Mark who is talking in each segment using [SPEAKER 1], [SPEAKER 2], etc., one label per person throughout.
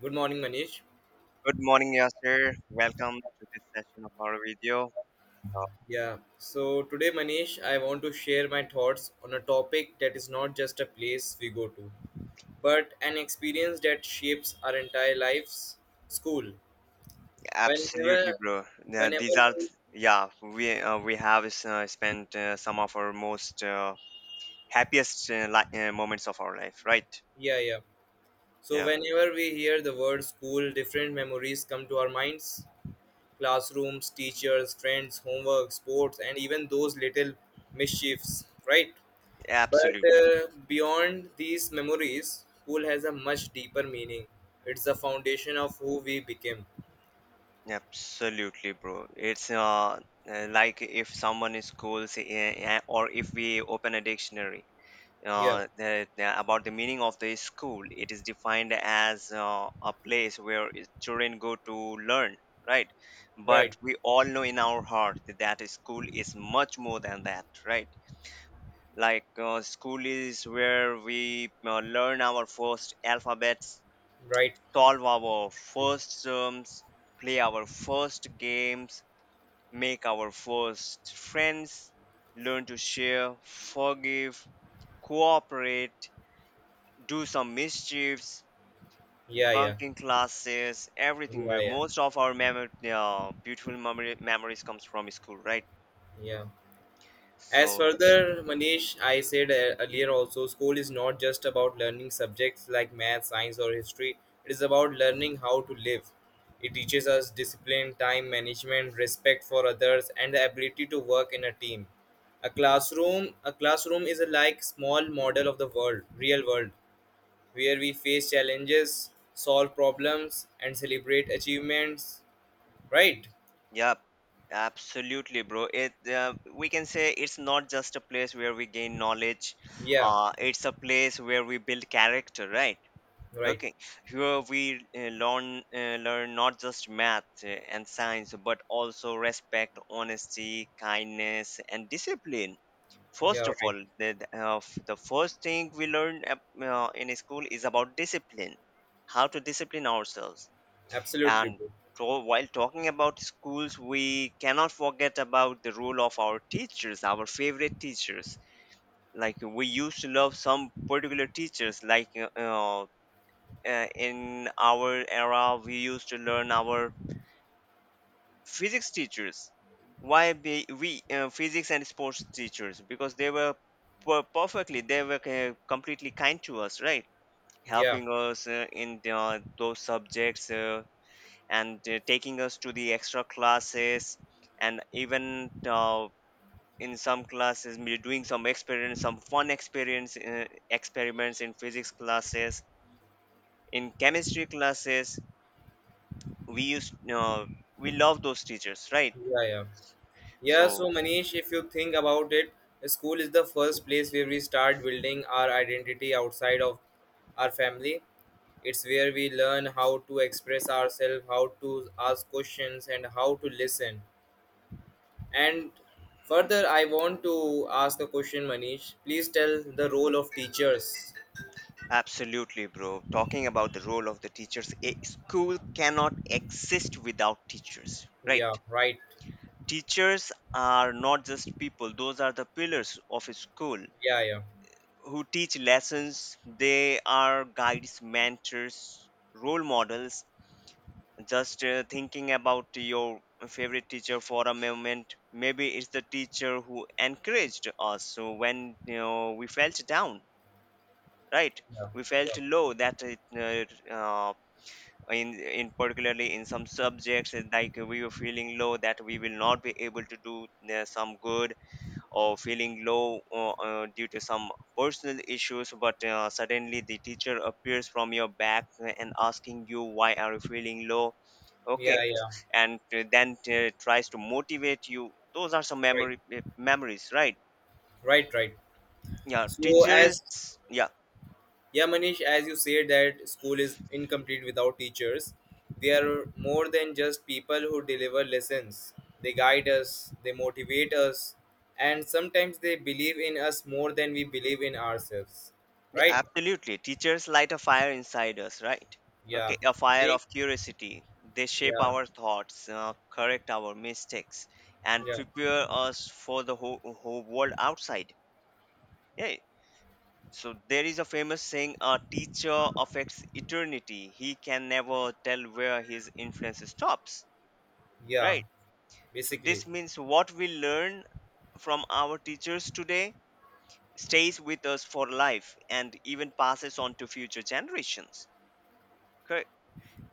[SPEAKER 1] Good morning, Manish.
[SPEAKER 2] Good morning, Yasser. Welcome to this session of our video. Uh,
[SPEAKER 1] Yeah, so today, Manish, I want to share my thoughts on a topic that is not just a place we go to, but an experience that shapes our entire lives school. Whenever,
[SPEAKER 2] Absolutely, bro. Yeah,
[SPEAKER 1] whenever
[SPEAKER 2] these are,
[SPEAKER 1] we,
[SPEAKER 2] yeah, we have spent some of our most happiest moments of our life, right?
[SPEAKER 1] yeah, yeah. So,
[SPEAKER 2] Yeah,
[SPEAKER 1] whenever we hear the word school, different memories come to our minds classrooms, teachers, friends, homework, sports, and even those little mischiefs, right? But
[SPEAKER 2] absolutely,
[SPEAKER 1] beyond these memories, school has a much deeper meaning. It's the foundation of who we became.
[SPEAKER 2] absolutely, bro. It's like if someone is cool, say, or if we open a dictionary,
[SPEAKER 1] Yeah,
[SPEAKER 2] about the meaning of the school. It is defined as a place where children go to learn, right? But
[SPEAKER 1] right,
[SPEAKER 2] we all know in our heart that school is much more than that, right? Like school is where we learn our first alphabets,
[SPEAKER 1] right.
[SPEAKER 2] solve our first sums, play our first games, make our first friends, learn to share, forgive, cooperate, do some mischiefs,
[SPEAKER 1] Yeah, yeah,
[SPEAKER 2] bunking classes, everything.
[SPEAKER 1] yeah,
[SPEAKER 2] But
[SPEAKER 1] yeah,
[SPEAKER 2] most of our beautiful memories comes from school, right?
[SPEAKER 1] yeah. As
[SPEAKER 2] So,
[SPEAKER 1] further, Manish, I said earlier also, school is not just about learning subjects like math, science, or history. It is about learning how to live. It teaches us discipline, time management, respect for others, and the ability to work in a team. A classroom is a like small model of the world, real world, where we face challenges, solve problems, and celebrate achievements. Right?
[SPEAKER 2] yeah, absolutely, bro. It We can say it's not just a place where we gain knowledge.
[SPEAKER 1] Yeah.
[SPEAKER 2] It's a place where we build character, right?
[SPEAKER 1] Right.
[SPEAKER 2] Okay, here we learn not just math and science, but also respect, honesty, kindness, and discipline.
[SPEAKER 1] Yeah.
[SPEAKER 2] First of
[SPEAKER 1] Right.
[SPEAKER 2] all, the first thing we learn in school is about discipline, how to discipline ourselves.
[SPEAKER 1] Absolutely,
[SPEAKER 2] And
[SPEAKER 1] bro.
[SPEAKER 2] while talking about schools, we cannot forget about the role of our teachers, our favorite teachers. Like we used to love some particular teachers, like in our era, we used to learn our physics teachers, why be we physics and sports teachers, because they were perfectly, they were completely kind to us, right,
[SPEAKER 1] Yeah.
[SPEAKER 2] helping us in those subjects, and taking us to the extra classes, and even in some classes we doing some experience, some fun experience, experiments in physics classes, in chemistry classes, we used uh, we love those teachers, right.
[SPEAKER 1] Yeah, yeah. Yeah,
[SPEAKER 2] So
[SPEAKER 1] so Manish, if you think about it, school is the first place where we start building our identity outside of our family. It's where we learn how to express ourselves, how to ask questions, and how to listen. And further, I want to ask a question, Manish. Please tell the role of teachers.
[SPEAKER 2] absolutely, bro. Talking about the role of the teachers, a school cannot exist without teachers, right?
[SPEAKER 1] Yeah, right.
[SPEAKER 2] Teachers are not just people, those are the pillars of a school
[SPEAKER 1] Yeah, yeah,
[SPEAKER 2] who teach lessons. They are guides, mentors, role models. Just thinking about your favorite teacher for a moment, maybe it's the teacher who encouraged us so when we felt down, right?
[SPEAKER 1] yeah,
[SPEAKER 2] We felt
[SPEAKER 1] yeah,
[SPEAKER 2] low that in particularly in some subjects, like we were feeling low that we will not be able to do some good, or feeling low due to some personal issues, but suddenly the teacher appears from your back and asking you why are you feeling low, okay,
[SPEAKER 1] yeah, yeah.
[SPEAKER 2] and then tries to motivate you, those are some
[SPEAKER 1] Right,
[SPEAKER 2] memory memories, right.
[SPEAKER 1] right, right.
[SPEAKER 2] Yeah,
[SPEAKER 1] So
[SPEAKER 2] teachers.
[SPEAKER 1] as
[SPEAKER 2] Yeah.
[SPEAKER 1] Yeah, Manish, as you said that school is incomplete without teachers. They are more than just people who deliver lessons. They guide us, they motivate us, and sometimes they believe in us more than we believe in ourselves.
[SPEAKER 2] Yeah,
[SPEAKER 1] Right?
[SPEAKER 2] absolutely. Teachers light a fire inside us, right?
[SPEAKER 1] Yeah.
[SPEAKER 2] Okay, a fire
[SPEAKER 1] They
[SPEAKER 2] of curiosity. They shape
[SPEAKER 1] Yeah,
[SPEAKER 2] our thoughts, correct our mistakes, and
[SPEAKER 1] yeah,
[SPEAKER 2] prepare us for the whole, whole world outside. Yeah. So there is a famous saying: "A teacher affects eternity. He can never tell where his influence stops."
[SPEAKER 1] yeah.
[SPEAKER 2] Right. So
[SPEAKER 1] Basically.
[SPEAKER 2] this means what we learn from our teachers today stays with us for life and even passes on to future generations. Correct.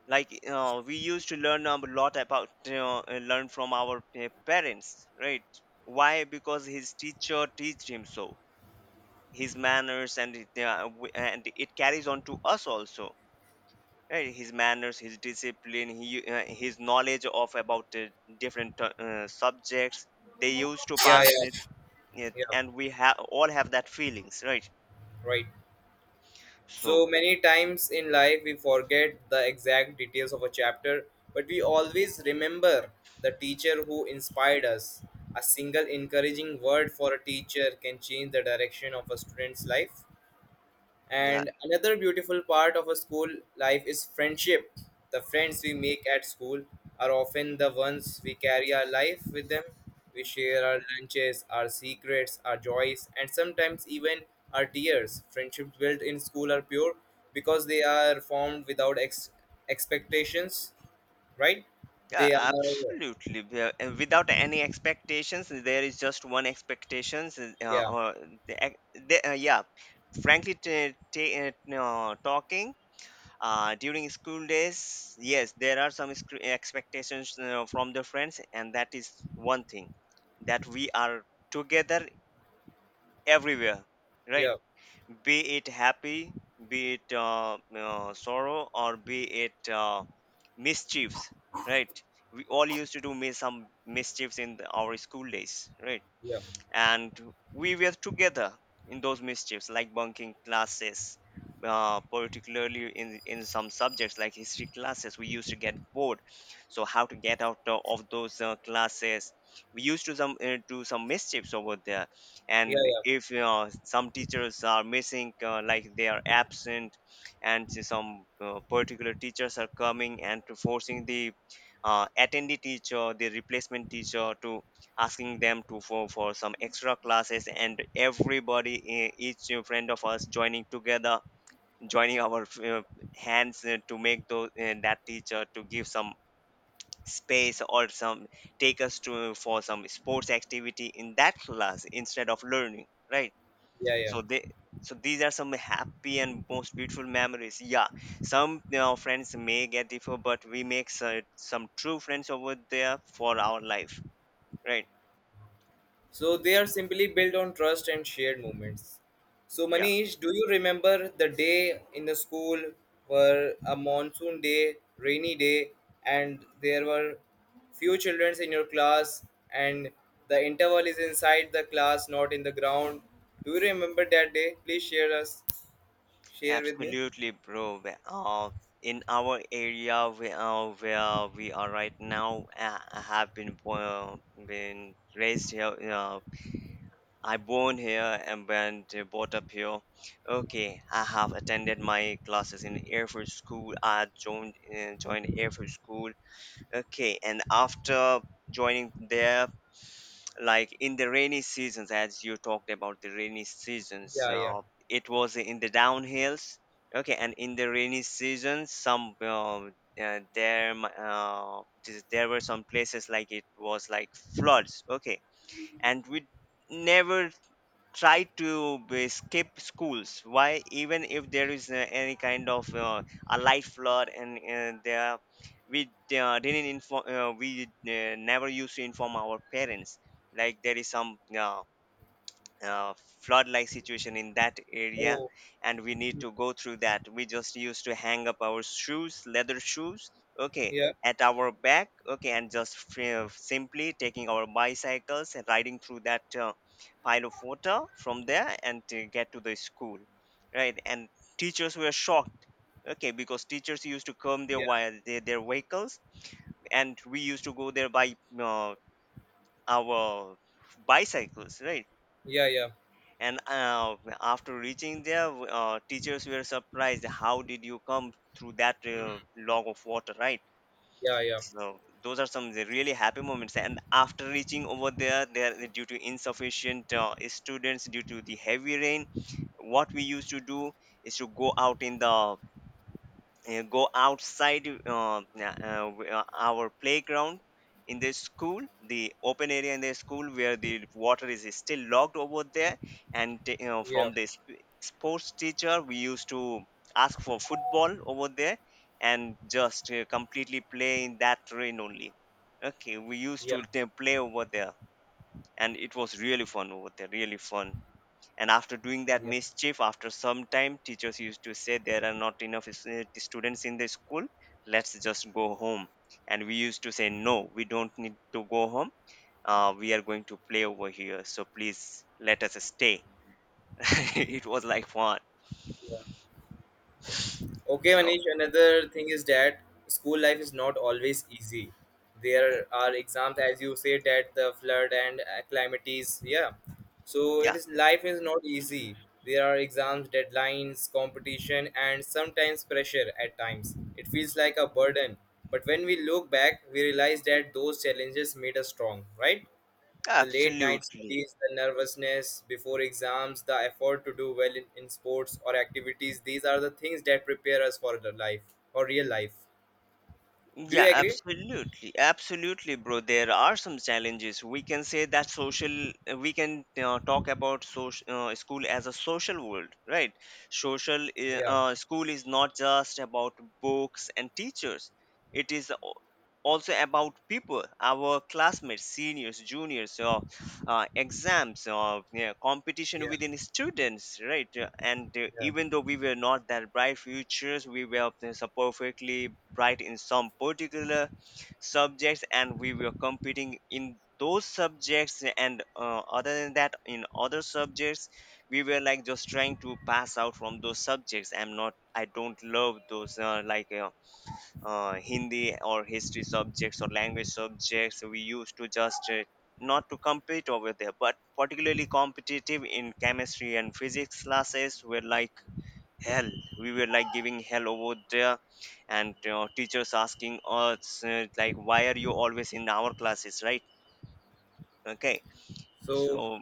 [SPEAKER 2] Like we used to learn a lot about, learn from our parents, right. Why? Because his teacher teach him, so his manners, and it carries on to us also, right, his manners, his discipline, his knowledge of about the different subjects, they used to
[SPEAKER 1] Yeah,
[SPEAKER 2] pass
[SPEAKER 1] yeah,
[SPEAKER 2] it
[SPEAKER 1] yeah.
[SPEAKER 2] and we have all have that feelings, right.
[SPEAKER 1] Right. So
[SPEAKER 2] So
[SPEAKER 1] many times in life we forget the exact details of a chapter, but we always remember the teacher who inspired us. A single encouraging word for a teacher can change the direction of a student's life.
[SPEAKER 2] yeah.
[SPEAKER 1] And another beautiful part of a school life is friendship. The friends we make at school are often the ones we carry our life with them. We share our lunches, our secrets, our joys, and sometimes even our tears. Friendships built in school are pure because they are formed without expectations, right?
[SPEAKER 2] Yeah,
[SPEAKER 1] They are,
[SPEAKER 2] absolutely. And without any expectations, there is just one expectations.
[SPEAKER 1] yeah, yeah,
[SPEAKER 2] Yeah, frankly, no, talking during school days, yes, there are some expectations from the friends, and that is one thing, that we are together everywhere, right?
[SPEAKER 1] yeah,
[SPEAKER 2] Be it happy, be it sorrow, or be it mischiefs, right? We all used to do some mischiefs in our school days, right?
[SPEAKER 1] yeah,
[SPEAKER 2] And we were together in those mischiefs, like bunking classes, particularly in some subjects like history classes, we used to get bored. So how to get out of those classes, we used to some do some mischiefs over there. And
[SPEAKER 1] yeah,
[SPEAKER 2] if some teachers are missing, like they are absent, and some particular teachers are coming and to forcing the attendee teacher, the replacement teacher, to asking them to for some extra classes, and everybody, each friend of us joining together, joining our hands to make that teacher to give some space, or some, take us to for some sports activity in that class instead of learning, right.
[SPEAKER 1] yeah, yeah.
[SPEAKER 2] So they, so these are some happy and most beautiful memories. Yeah, some friends may get differ, but we make some true friends over there for our life, right.
[SPEAKER 1] So they are simply built on trust and shared moments. So
[SPEAKER 2] Yeah.
[SPEAKER 1] Manish, do you remember the day in the school were a monsoon day, rainy day, and there were few children in your class and the interval is inside the class, not in the ground. Do you remember that day? Please share with me.
[SPEAKER 2] Absolutely, bro. In our area where we are right now, I have been born, been raised here. I born here and been brought up here. Okay, I have attended my classes in Air Force School. I joined Air Force School. Okay, and after joining there, like in the rainy seasons, as you talked about the rainy seasons,
[SPEAKER 1] Yeah, yeah.
[SPEAKER 2] it was in the downhills, okay, and in the rainy season, some there mi- this- there were some places, like it was like floods, okay, and we never try to skip schools. Why? Even if there is any kind of a light flood, and there we didn't inform, we never used to inform our parents, like there is some uh, flood like situation in that area,
[SPEAKER 1] Oh,
[SPEAKER 2] and we need to go through that. We just used to hang up our shoes, leather shoes, okay,
[SPEAKER 1] yeah,
[SPEAKER 2] at our back, okay, and just free of simply taking our bicycles and riding through that pile of water from there, and to get to the school, right. And teachers were shocked, okay, because teachers used to come there
[SPEAKER 1] yeah,
[SPEAKER 2] while their vehicles, and we used to go there by our bicycles, right.
[SPEAKER 1] yeah, yeah.
[SPEAKER 2] And after reaching there, teachers were surprised, how did you come through that
[SPEAKER 1] Hmm.
[SPEAKER 2] log of water, right.
[SPEAKER 1] Yeah, yeah,
[SPEAKER 2] So those are some the really happy moments. And after reaching over there due to insufficient students due to the heavy rain, what we used to do is to go out in the, go outside, our playground in the school, the open area in the school, where the water is still locked over there. And
[SPEAKER 1] yeah,
[SPEAKER 2] from the sports teacher, we used to ask for football over there, and just completely play in that rain only, okay, we used
[SPEAKER 1] yeah,
[SPEAKER 2] to play over there, and it was really fun over there, really fun. And after doing that
[SPEAKER 1] yeah.
[SPEAKER 2] mischief, after some time, teachers used to say there are not enough students in the school, let's just go home. And we used to say no, we don't need to go home, we are going to play over here, so please let us stay. It was like fun.
[SPEAKER 1] Okay,
[SPEAKER 2] So
[SPEAKER 1] Manish, another thing is that school life is not always easy. There are exams, as you say, that the flood and calamities. Yeah. So it
[SPEAKER 2] yeah,
[SPEAKER 1] is life is not easy. There are exams, deadlines, competition, and sometimes pressure at times. It feels like a burden. But when we look back, we realize that those challenges made us strong, right? The late night
[SPEAKER 2] absolutely.
[SPEAKER 1] studies, the nervousness before exams, the effort to do well in sports or activities, these are the things that prepare us for the life, for real life. Do you
[SPEAKER 2] Yeah,
[SPEAKER 1] agree?
[SPEAKER 2] absolutely. Absolutely, bro. There are some challenges. We can say that social, we can talk about social, school as a social world, right? Social,
[SPEAKER 1] Yeah,
[SPEAKER 2] school is not just about books and teachers, it is also about people, our classmates, seniors, juniors, exams, or yeah, competition
[SPEAKER 1] yeah,
[SPEAKER 2] within students, right. And
[SPEAKER 1] yeah.
[SPEAKER 2] even though we were not that bright futures, we were so perfectly bright in some particular subjects, and we were competing in those subjects, and other than that, in other subjects, we were like just trying to pass out from those subjects. I don't love those, Hindi or history subjects or language subjects. We used to just not to compete over there, but particularly competitive in chemistry and physics classes were like hell. We were like giving hell over there, and teachers asking us like, "Why are you always in our classes?" Right? Okay,
[SPEAKER 1] So,
[SPEAKER 2] so,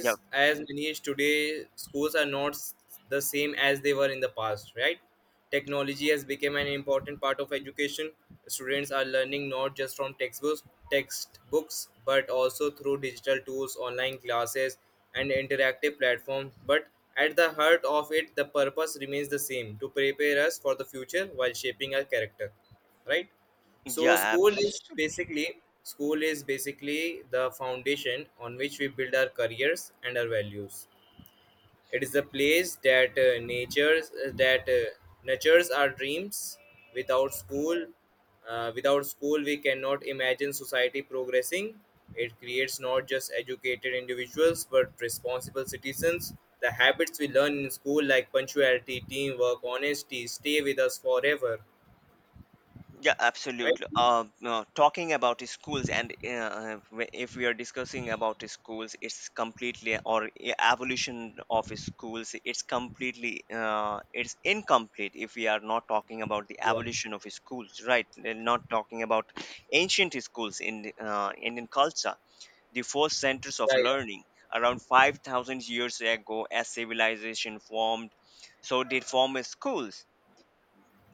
[SPEAKER 2] yeah,
[SPEAKER 1] as Manish, today schools are not the same as they were in the past, right? Technology has become an important part of education. Students are learning not just from textbooks, but also through digital tools, online classes, and interactive platforms. But at the heart of it, the purpose remains the same: to prepare us for the future while shaping our character, right? So
[SPEAKER 2] yeah,
[SPEAKER 1] school is basically the foundation on which we build our careers and our values. It is the place that natures that nurtures our dreams. Without school, without school, we cannot imagine society progressing. It creates not just educated individuals but responsible citizens. The habits we learn in school, like punctuality, teamwork, honesty, stay with us forever.
[SPEAKER 2] yeah,
[SPEAKER 1] Right?
[SPEAKER 2] absolutely. No, talking about the schools, and if we are discussing about the schools, it's completely or e- evolution of schools. It's incomplete if we are not talking about the
[SPEAKER 1] Yeah.
[SPEAKER 2] evolution of schools, right? They're not talking about ancient schools in Indian culture, the first centers of
[SPEAKER 1] Yeah. Yeah.
[SPEAKER 2] learning around 5,000 years ago as civilization formed. So they form schools.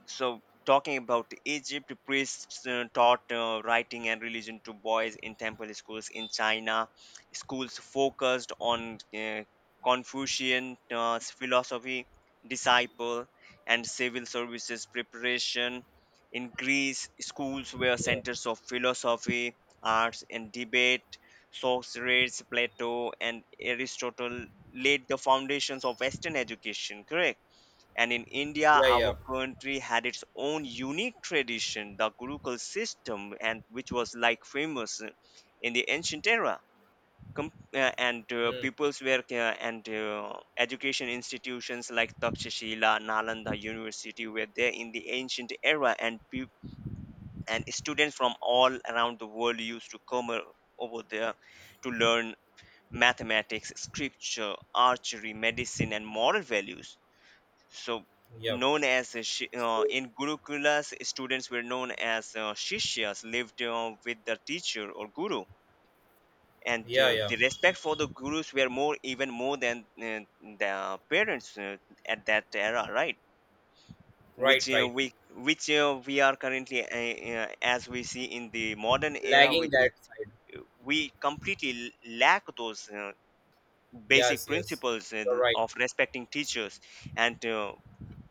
[SPEAKER 2] So talking about Egypt, priests taught writing and religion to boys in temple schools. In China, schools focused on Confucian philosophy, disciple, and civil services preparation. In Greece, schools were
[SPEAKER 1] Yeah.
[SPEAKER 2] centers of philosophy, arts, and debate. Socrates, Plato, and Aristotle laid the foundations of western education, correct? And in India,
[SPEAKER 1] Yeah,
[SPEAKER 2] our
[SPEAKER 1] yeah.
[SPEAKER 2] country had its own unique tradition, the Gurukul system, and which was like famous in the ancient era. And
[SPEAKER 1] Hmm.
[SPEAKER 2] peoples were and education institutions like Takshashila, Nalanda University were there in the ancient era, and peop and students from all around the world used to come over there to learn mathematics, scripture, archery, medicine, and moral values. So
[SPEAKER 1] Yeah.
[SPEAKER 2] known as a
[SPEAKER 1] So,
[SPEAKER 2] in gurukulas, students were known as shishyas, lived with the teacher or guru. And
[SPEAKER 1] yeah, yeah.
[SPEAKER 2] the respect for the gurus were more, even more than the parents at that era, right? which
[SPEAKER 1] Right,
[SPEAKER 2] uh,
[SPEAKER 1] right.
[SPEAKER 2] we which uh, we are currently as we see in the modern era,
[SPEAKER 1] Lagging
[SPEAKER 2] which is,
[SPEAKER 1] that side.
[SPEAKER 2] we completely lack those basic
[SPEAKER 1] Yes, yes.
[SPEAKER 2] principles
[SPEAKER 1] You're right.
[SPEAKER 2] of respecting teachers. And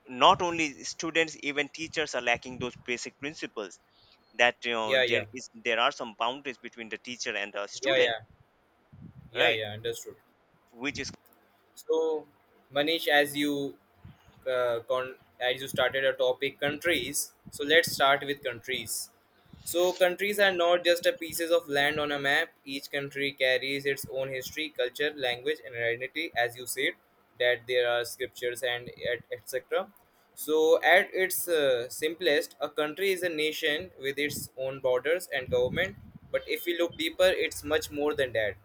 [SPEAKER 2] not only students, even teachers are lacking those basic principles. That
[SPEAKER 1] Yeah,
[SPEAKER 2] there
[SPEAKER 1] yeah.
[SPEAKER 2] is, there are some boundaries between the teacher and the
[SPEAKER 1] Yeah,
[SPEAKER 2] student,
[SPEAKER 1] yeah. Yeah,
[SPEAKER 2] right?
[SPEAKER 1] yeah. Understood.
[SPEAKER 2] Which is,
[SPEAKER 1] So, Manish, as you started a topic countries, so let's start with countries. So countries are not just a pieces of land on a map, each country carries its own history, culture, language, and identity, as you said that there are scriptures and etc. So at its simplest, a country is a nation with its own borders and government. But if we look deeper, it's much more than that.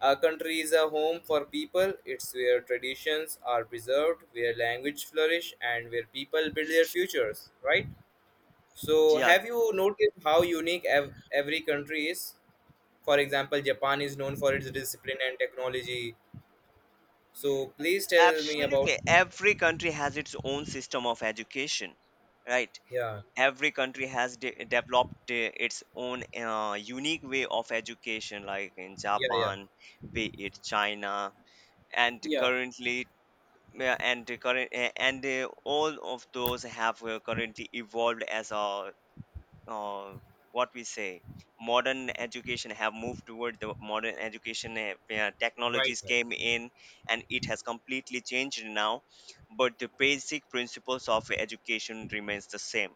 [SPEAKER 1] Our country is a home for people. It's where traditions are preserved, where language flourish, and where people build their futures, right? So,
[SPEAKER 2] yeah,
[SPEAKER 1] have you noticed how unique every country is? For example, Japan is known for its discipline and technology. So, please tell me about.
[SPEAKER 2] absolutely every country has its own system of education, right?
[SPEAKER 1] Yeah,
[SPEAKER 2] Every country has developed its own unique way of education, like in
[SPEAKER 1] yeah, yeah.
[SPEAKER 2] Japan, be it China. And
[SPEAKER 1] Yeah,
[SPEAKER 2] currently, yeah, and current and all of those have currently evolved as a uh, what we say modern education, have moved toward the modern education. Yeah,
[SPEAKER 1] right,
[SPEAKER 2] technologies
[SPEAKER 1] right,
[SPEAKER 2] came in and it has completely changed now. But the basic principles of education remains the same.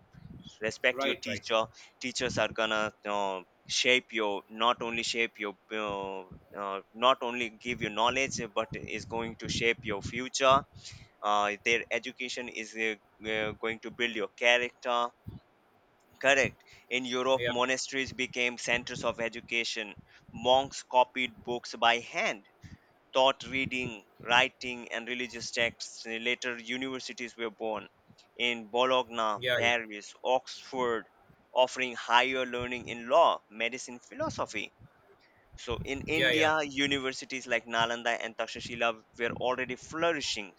[SPEAKER 2] Respect your
[SPEAKER 1] right, right.
[SPEAKER 2] teacher. Teachers are gonna shape your, not only shape your not only give you knowledge, but is going to shape your future. Their education is going to build your character. Correct. In Europe,
[SPEAKER 1] Yeah,
[SPEAKER 2] monasteries became centers of education. Monks copied books by hand, taught reading, writing, and religious texts. And later, universities were born in Bologna,
[SPEAKER 1] yeah, yeah,
[SPEAKER 2] Paris, Oxford, offering higher learning in law, medicine, philosophy. So, in
[SPEAKER 1] yeah, yeah,
[SPEAKER 2] India, universities like Nalanda and Takshashila were already flourishing.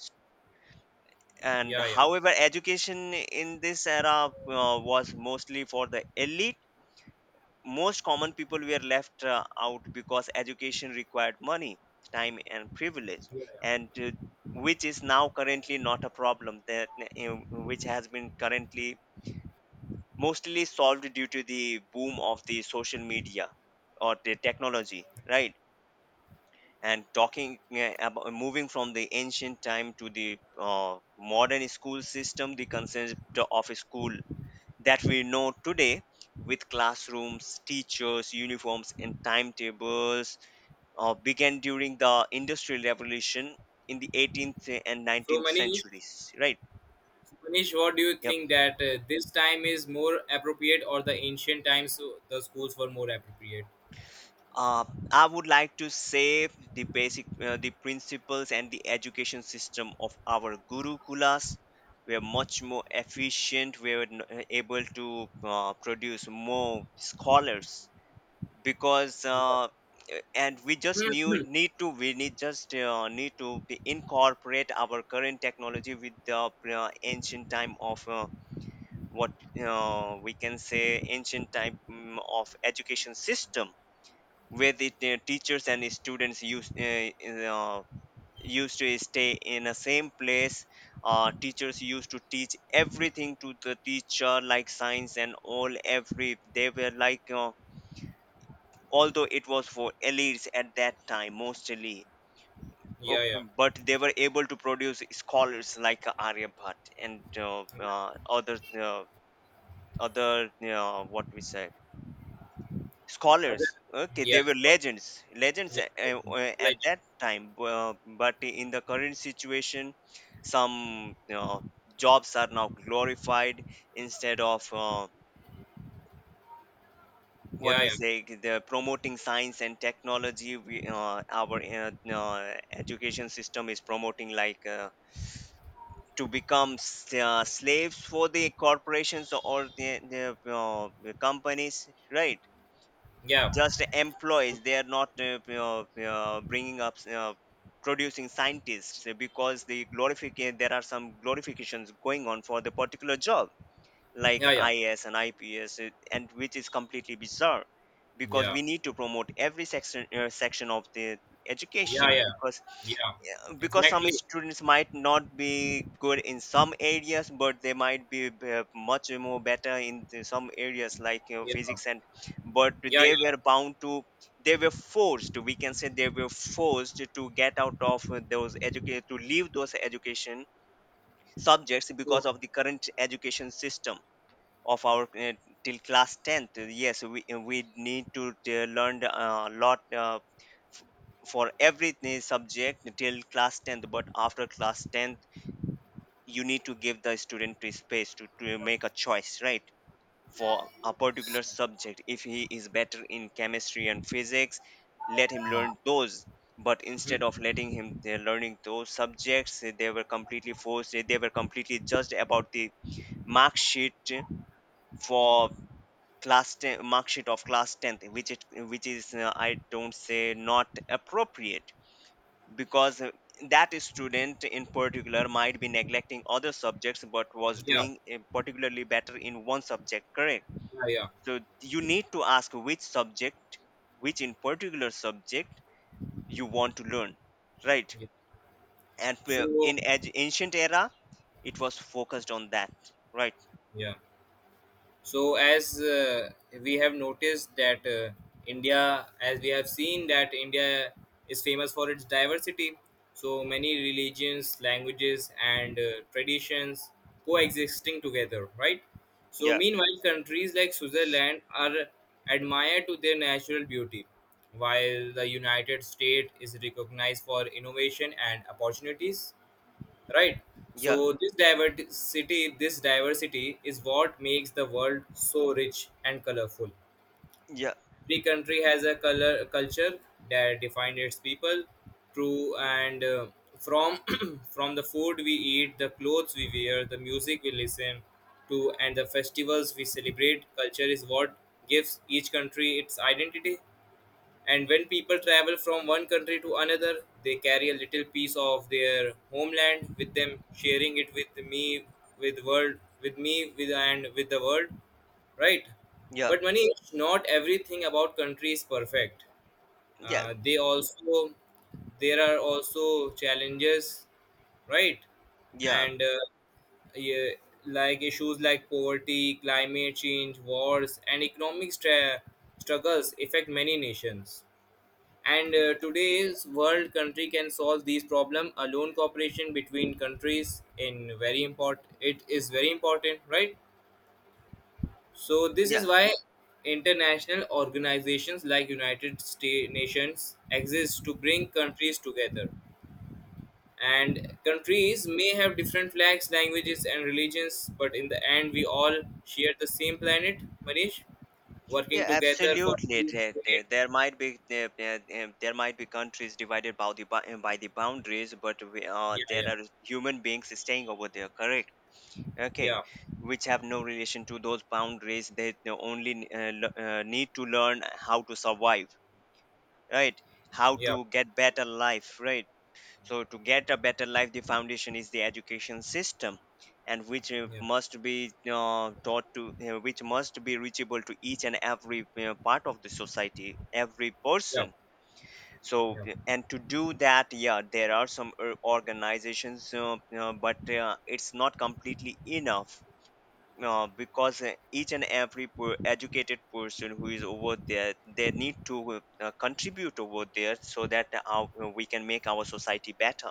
[SPEAKER 2] And
[SPEAKER 1] yeah, yeah.
[SPEAKER 2] however, education in this era was mostly for the elite. Most common people were left out because education required money, time, and privilege. And which is now currently not a problem, that which has been currently mostly solved due to the boom of the social media or the technology, right? And talking about moving from the ancient time to the modern school system, the concept of a school that we know today, with classrooms, teachers, uniforms, and timetables, began during the Industrial Revolution in the 18th and
[SPEAKER 1] So
[SPEAKER 2] 19th
[SPEAKER 1] many
[SPEAKER 2] centuries, right?
[SPEAKER 1] Manish, what do you
[SPEAKER 2] Yep.
[SPEAKER 1] think that this time is more appropriate or the ancient times the schools were more appropriate?
[SPEAKER 2] Uh, I would like to say the basic, the principles and the education system of our gurukulas were much more efficient. We were able to produce more scholars because
[SPEAKER 1] Yeah,
[SPEAKER 2] and we just knew need to we need just need to be incorporate our current technology with the ancient time of what we can say ancient time of education system, where the teachers and students uh, used to stay in a same place. Teachers used to teach everything to the teacher like science and all, every, they were like although it was for elites at that time mostly.
[SPEAKER 1] yeah,
[SPEAKER 2] Ok.
[SPEAKER 1] yeah.
[SPEAKER 2] But they were able to produce scholars like Aryabhatta and other what we say
[SPEAKER 1] Other,
[SPEAKER 2] scholars. Okay, they
[SPEAKER 1] yes,
[SPEAKER 2] were legends, legends
[SPEAKER 1] yeah, like,
[SPEAKER 2] at that time. But in the current situation, some jobs are now glorified instead of what
[SPEAKER 1] yeah,
[SPEAKER 2] we say the promoting science and technology. Our education system is promoting like to become slaves for the corporations or the companies, right?
[SPEAKER 1] yeah, yeah,
[SPEAKER 2] Just employees, they are not bringing up producing scientists because the glorification, there are some glorifications going on for the particular job like
[SPEAKER 1] yeah, yeah,
[SPEAKER 2] IS and IPS, and which is completely bizarre because
[SPEAKER 1] yeah,
[SPEAKER 2] we need to promote every section of the
[SPEAKER 1] yeah,
[SPEAKER 2] education.
[SPEAKER 1] yeah,
[SPEAKER 2] Because
[SPEAKER 1] yeah,
[SPEAKER 2] yeah, because some
[SPEAKER 1] exactly.
[SPEAKER 2] students might not be good in some areas, but they might be much more better in some areas, like you know,
[SPEAKER 1] Yeah,
[SPEAKER 2] physics. And but
[SPEAKER 1] yeah,
[SPEAKER 2] they
[SPEAKER 1] yeah.
[SPEAKER 2] were bound to, they were forced, we can say they were forced to get out of those educate to leave those education subjects
[SPEAKER 1] So,
[SPEAKER 2] because of the current education system of our till class 10th. Yes, we need to learn a lot f- for every subject till class 10th. But after class 10th, you need to give the student to space to make a choice, right? For a particular subject, if he is better in chemistry and physics, let him learn those. But
[SPEAKER 1] hmm,
[SPEAKER 2] instead of letting him learning those subjects, they were completely forced, they were completely judged about the mark sheet, for class 10 mark sheet of class 10th, which is, I don't say not appropriate, because that student in particular might be neglecting other subjects, but was
[SPEAKER 1] yeah,
[SPEAKER 2] doing particularly better in one subject, correct?
[SPEAKER 1] yeah, yeah,
[SPEAKER 2] So you need to ask which subject, which in particular subject you want to learn, right?
[SPEAKER 1] yeah.
[SPEAKER 2] And
[SPEAKER 1] So,
[SPEAKER 2] ancient era, it was focused on that, right?
[SPEAKER 1] yeah. So as we have noticed that India, as we have seen that India is famous for its diversity, so many religions, languages, and traditions coexisting together, right? So
[SPEAKER 2] Yeah,
[SPEAKER 1] meanwhile, countries like Switzerland are admired to their natural beauty, while the United States is recognized for innovation and opportunities, right? So
[SPEAKER 2] yeah,
[SPEAKER 1] this diversity is what makes the world so rich and colorful.
[SPEAKER 2] yeah,
[SPEAKER 1] Every country has a color culture that defines its people through and from from the food we eat, the clothes we wear, the music we listen to, and the festivals we celebrate, culture is what gives each country its identity. And when people travel from one country to another, they carry a little piece of their homeland with them, sharing it with world, with the world, right?
[SPEAKER 2] yeah,
[SPEAKER 1] But money, not everything about country is perfect.
[SPEAKER 2] yeah,
[SPEAKER 1] They also There are also challenges, right?
[SPEAKER 2] yeah,
[SPEAKER 1] And yeah, like issues like poverty, climate change, wars, and economic struggles affect many nations. And today's world country can solve these problem alone. Cooperation between countries in very important. It is very important, right? So this is
[SPEAKER 2] yeah.
[SPEAKER 1] why international organizations like United States Nations exist to bring countries together. And countries may have different flags, languages, and religions, but in the end, we all share the same planet. Manish, working
[SPEAKER 2] Yeah,
[SPEAKER 1] together for
[SPEAKER 2] absolutely.
[SPEAKER 1] peace, trade.
[SPEAKER 2] There might be countries divided by the by the boundaries, but we,
[SPEAKER 1] Yeah,
[SPEAKER 2] there
[SPEAKER 1] yeah,
[SPEAKER 2] are human beings staying over there, correct? Okay,
[SPEAKER 1] yeah,
[SPEAKER 2] which have no relation to those boundaries. They only need to learn how to survive, right? How
[SPEAKER 1] yeah,
[SPEAKER 2] to get better life, right? So, to get a better life, the foundation is the education system, and which
[SPEAKER 1] yeah,
[SPEAKER 2] must be taught to, which must be reachable to each and every part of the society, every
[SPEAKER 1] yeah.
[SPEAKER 2] person. So,
[SPEAKER 1] Yeah,
[SPEAKER 2] and to do that, yeah, there are some organizations, but it's not completely enough. Because each and every educated person who is over there, they need to contribute over there so that we can make our society better.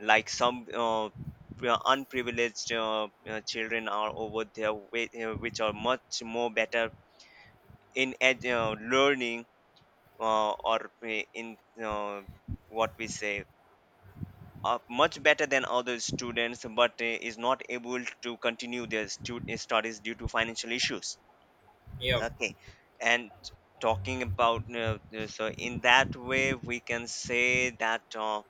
[SPEAKER 2] Like some unprivileged children are over there, which are much more better in learning or in uh, what we say, are much better than other students, but is not able to continue their studies due to financial issues,
[SPEAKER 1] yeah,
[SPEAKER 2] okay? And talking about so in that way we can say that uh,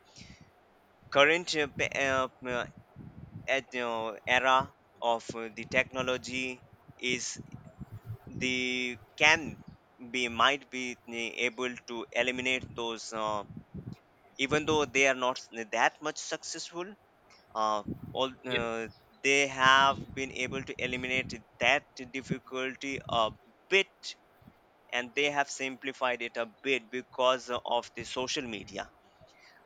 [SPEAKER 2] current uh, pa- uh, at, uh, era of the technology is the can be, might be able to eliminate those even though they are not that much successful. Uh, all
[SPEAKER 1] yeah,
[SPEAKER 2] They have been able to eliminate that difficulty a bit, and they have simplified it a bit because of the social media.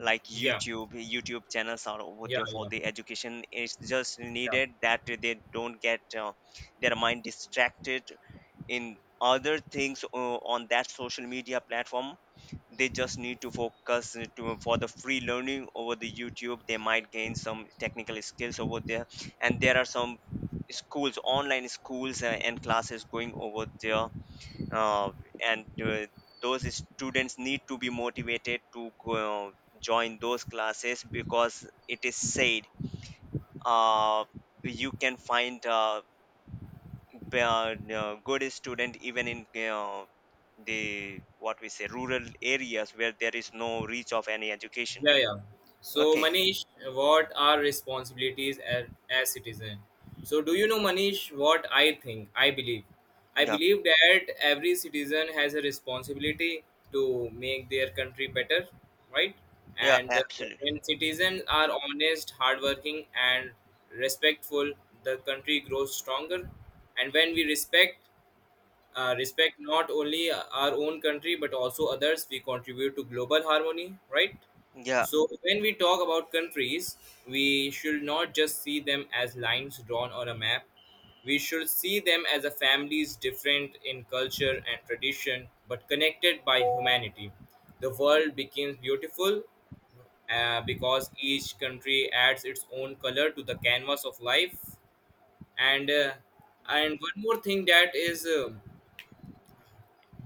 [SPEAKER 2] Like
[SPEAKER 1] yeah, yeah,
[SPEAKER 2] YouTube, YouTube channels are over there for
[SPEAKER 1] yeah,
[SPEAKER 2] the education. It's just
[SPEAKER 1] yeah,
[SPEAKER 2] needed that they don't get their mind distracted in other things on that social media platform. They just need to focus to, for the free learning over the YouTube, they might gain some technical skills over there. And there are some schools online schools and classes going over there. Uh, and Those students need to be motivated to go, join those classes, because it is said, uh, you can find good student even in the, what we say, rural areas where there is no reach of any education.
[SPEAKER 1] yeah. Yeah. So,
[SPEAKER 2] Okay.
[SPEAKER 1] Manish, what are responsibilities as citizen? So, do you know, Manish, what I think? I
[SPEAKER 2] Yeah,
[SPEAKER 1] believe that every citizen has a responsibility to make their country better, right?
[SPEAKER 2] yeah,
[SPEAKER 1] And
[SPEAKER 2] absolutely,
[SPEAKER 1] when citizens are honest, hardworking, and respectful, the country grows stronger. And when we respect respect not only our own country but also others, we contribute to global harmony, right?
[SPEAKER 2] yeah.
[SPEAKER 1] So when we talk about countries, we should not just see them as lines drawn on a map, we should see them as a families different in culture and tradition but connected by humanity. The world becomes beautiful because each country adds its own color to the canvas of life. And one more thing that is, um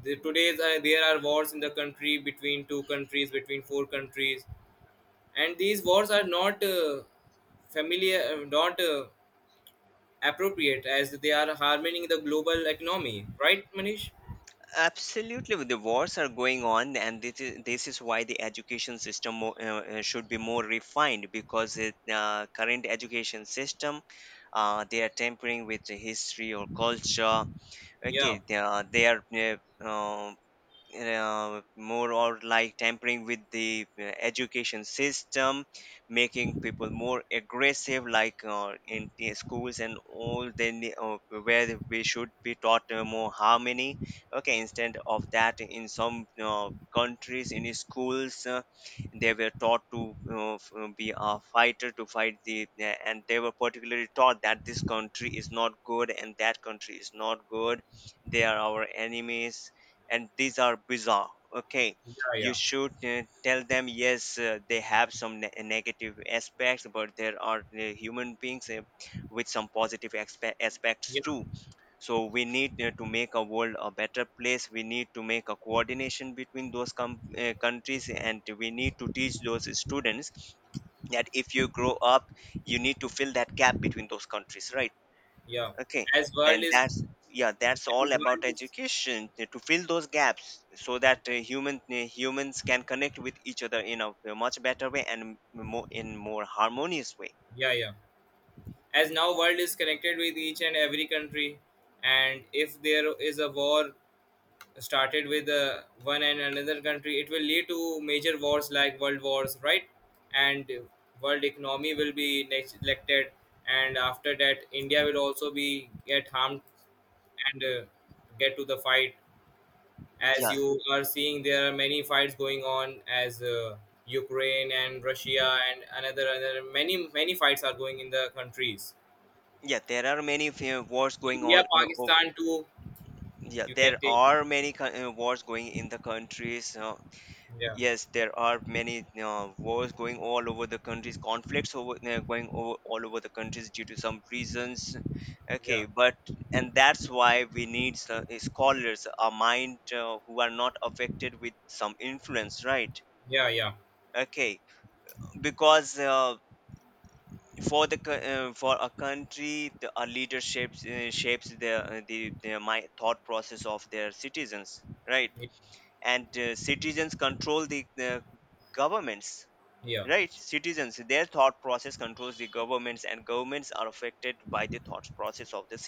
[SPEAKER 1] the, today's uh, there are wars in the country between two countries, between four countries, and these wars are not familiar, not appropriate, as they are harming the global economy, right, Manish?
[SPEAKER 2] Absolutely, the wars are going on, and this is why the education system should be more refined, because the current education system, they are tampering with the history or culture.
[SPEAKER 1] Yeah,
[SPEAKER 2] Okay, they are uh, more or like tampering with the education system, making people more aggressive, like in the schools and all. Then the, where we should be taught more harmony. Okay, instead of that, in some countries, in schools, they were taught to be a fighter to fight the and they were particularly taught that this country is not good and that country is not good, they are our enemies. And these are bizarre, okay?
[SPEAKER 1] yeah,
[SPEAKER 2] You
[SPEAKER 1] yeah,
[SPEAKER 2] should tell them, yes, they have some negative aspects, but there are human beings with some positive aspects
[SPEAKER 1] yeah,
[SPEAKER 2] too. So we need to make a world a better place, we need to make a coordination between those countries, and we need to teach those students that if you grow up, you need to fill that gap between those countries, right?
[SPEAKER 1] yeah.
[SPEAKER 2] Okay.
[SPEAKER 1] as world
[SPEAKER 2] And
[SPEAKER 1] is
[SPEAKER 2] that's, yeah, that's
[SPEAKER 1] as
[SPEAKER 2] all about
[SPEAKER 1] world is,
[SPEAKER 2] education, to fill those gaps so that humans can connect with each other in a much better way, and more, in more harmonious way.
[SPEAKER 1] yeah, yeah. As now world is connected with each and every country, and if there is a war started with one and another country, it will lead to major wars like world wars, right? And world economy will be neglected, and after that India will also be get harmed, and get to the fight, as
[SPEAKER 2] Yeah,
[SPEAKER 1] you are seeing there are many fights going on as Ukraine and Russia, and another many many fights are going in the countries.
[SPEAKER 2] yeah, there are many few wars going
[SPEAKER 1] India
[SPEAKER 2] on, no, oh,
[SPEAKER 1] Pakistan too.
[SPEAKER 2] yeah,
[SPEAKER 1] You can
[SPEAKER 2] there
[SPEAKER 1] take
[SPEAKER 2] are many wars going in the countries,
[SPEAKER 1] yeah,
[SPEAKER 2] yes, there are many wars going all over the countries, conflicts over going over all over the countries due to some reasons.
[SPEAKER 1] yeah,
[SPEAKER 2] Okay, but, and that's why we need scholars, a mind who are not affected with some influence, right?
[SPEAKER 1] yeah, yeah,
[SPEAKER 2] Okay, because for the for a country, a leader shapes the my thought process of their citizens, right? And citizens control the governments,
[SPEAKER 1] yeah.
[SPEAKER 2] right? Citizens, their thought process controls the governments, and governments are affected by the thought process of the citizens.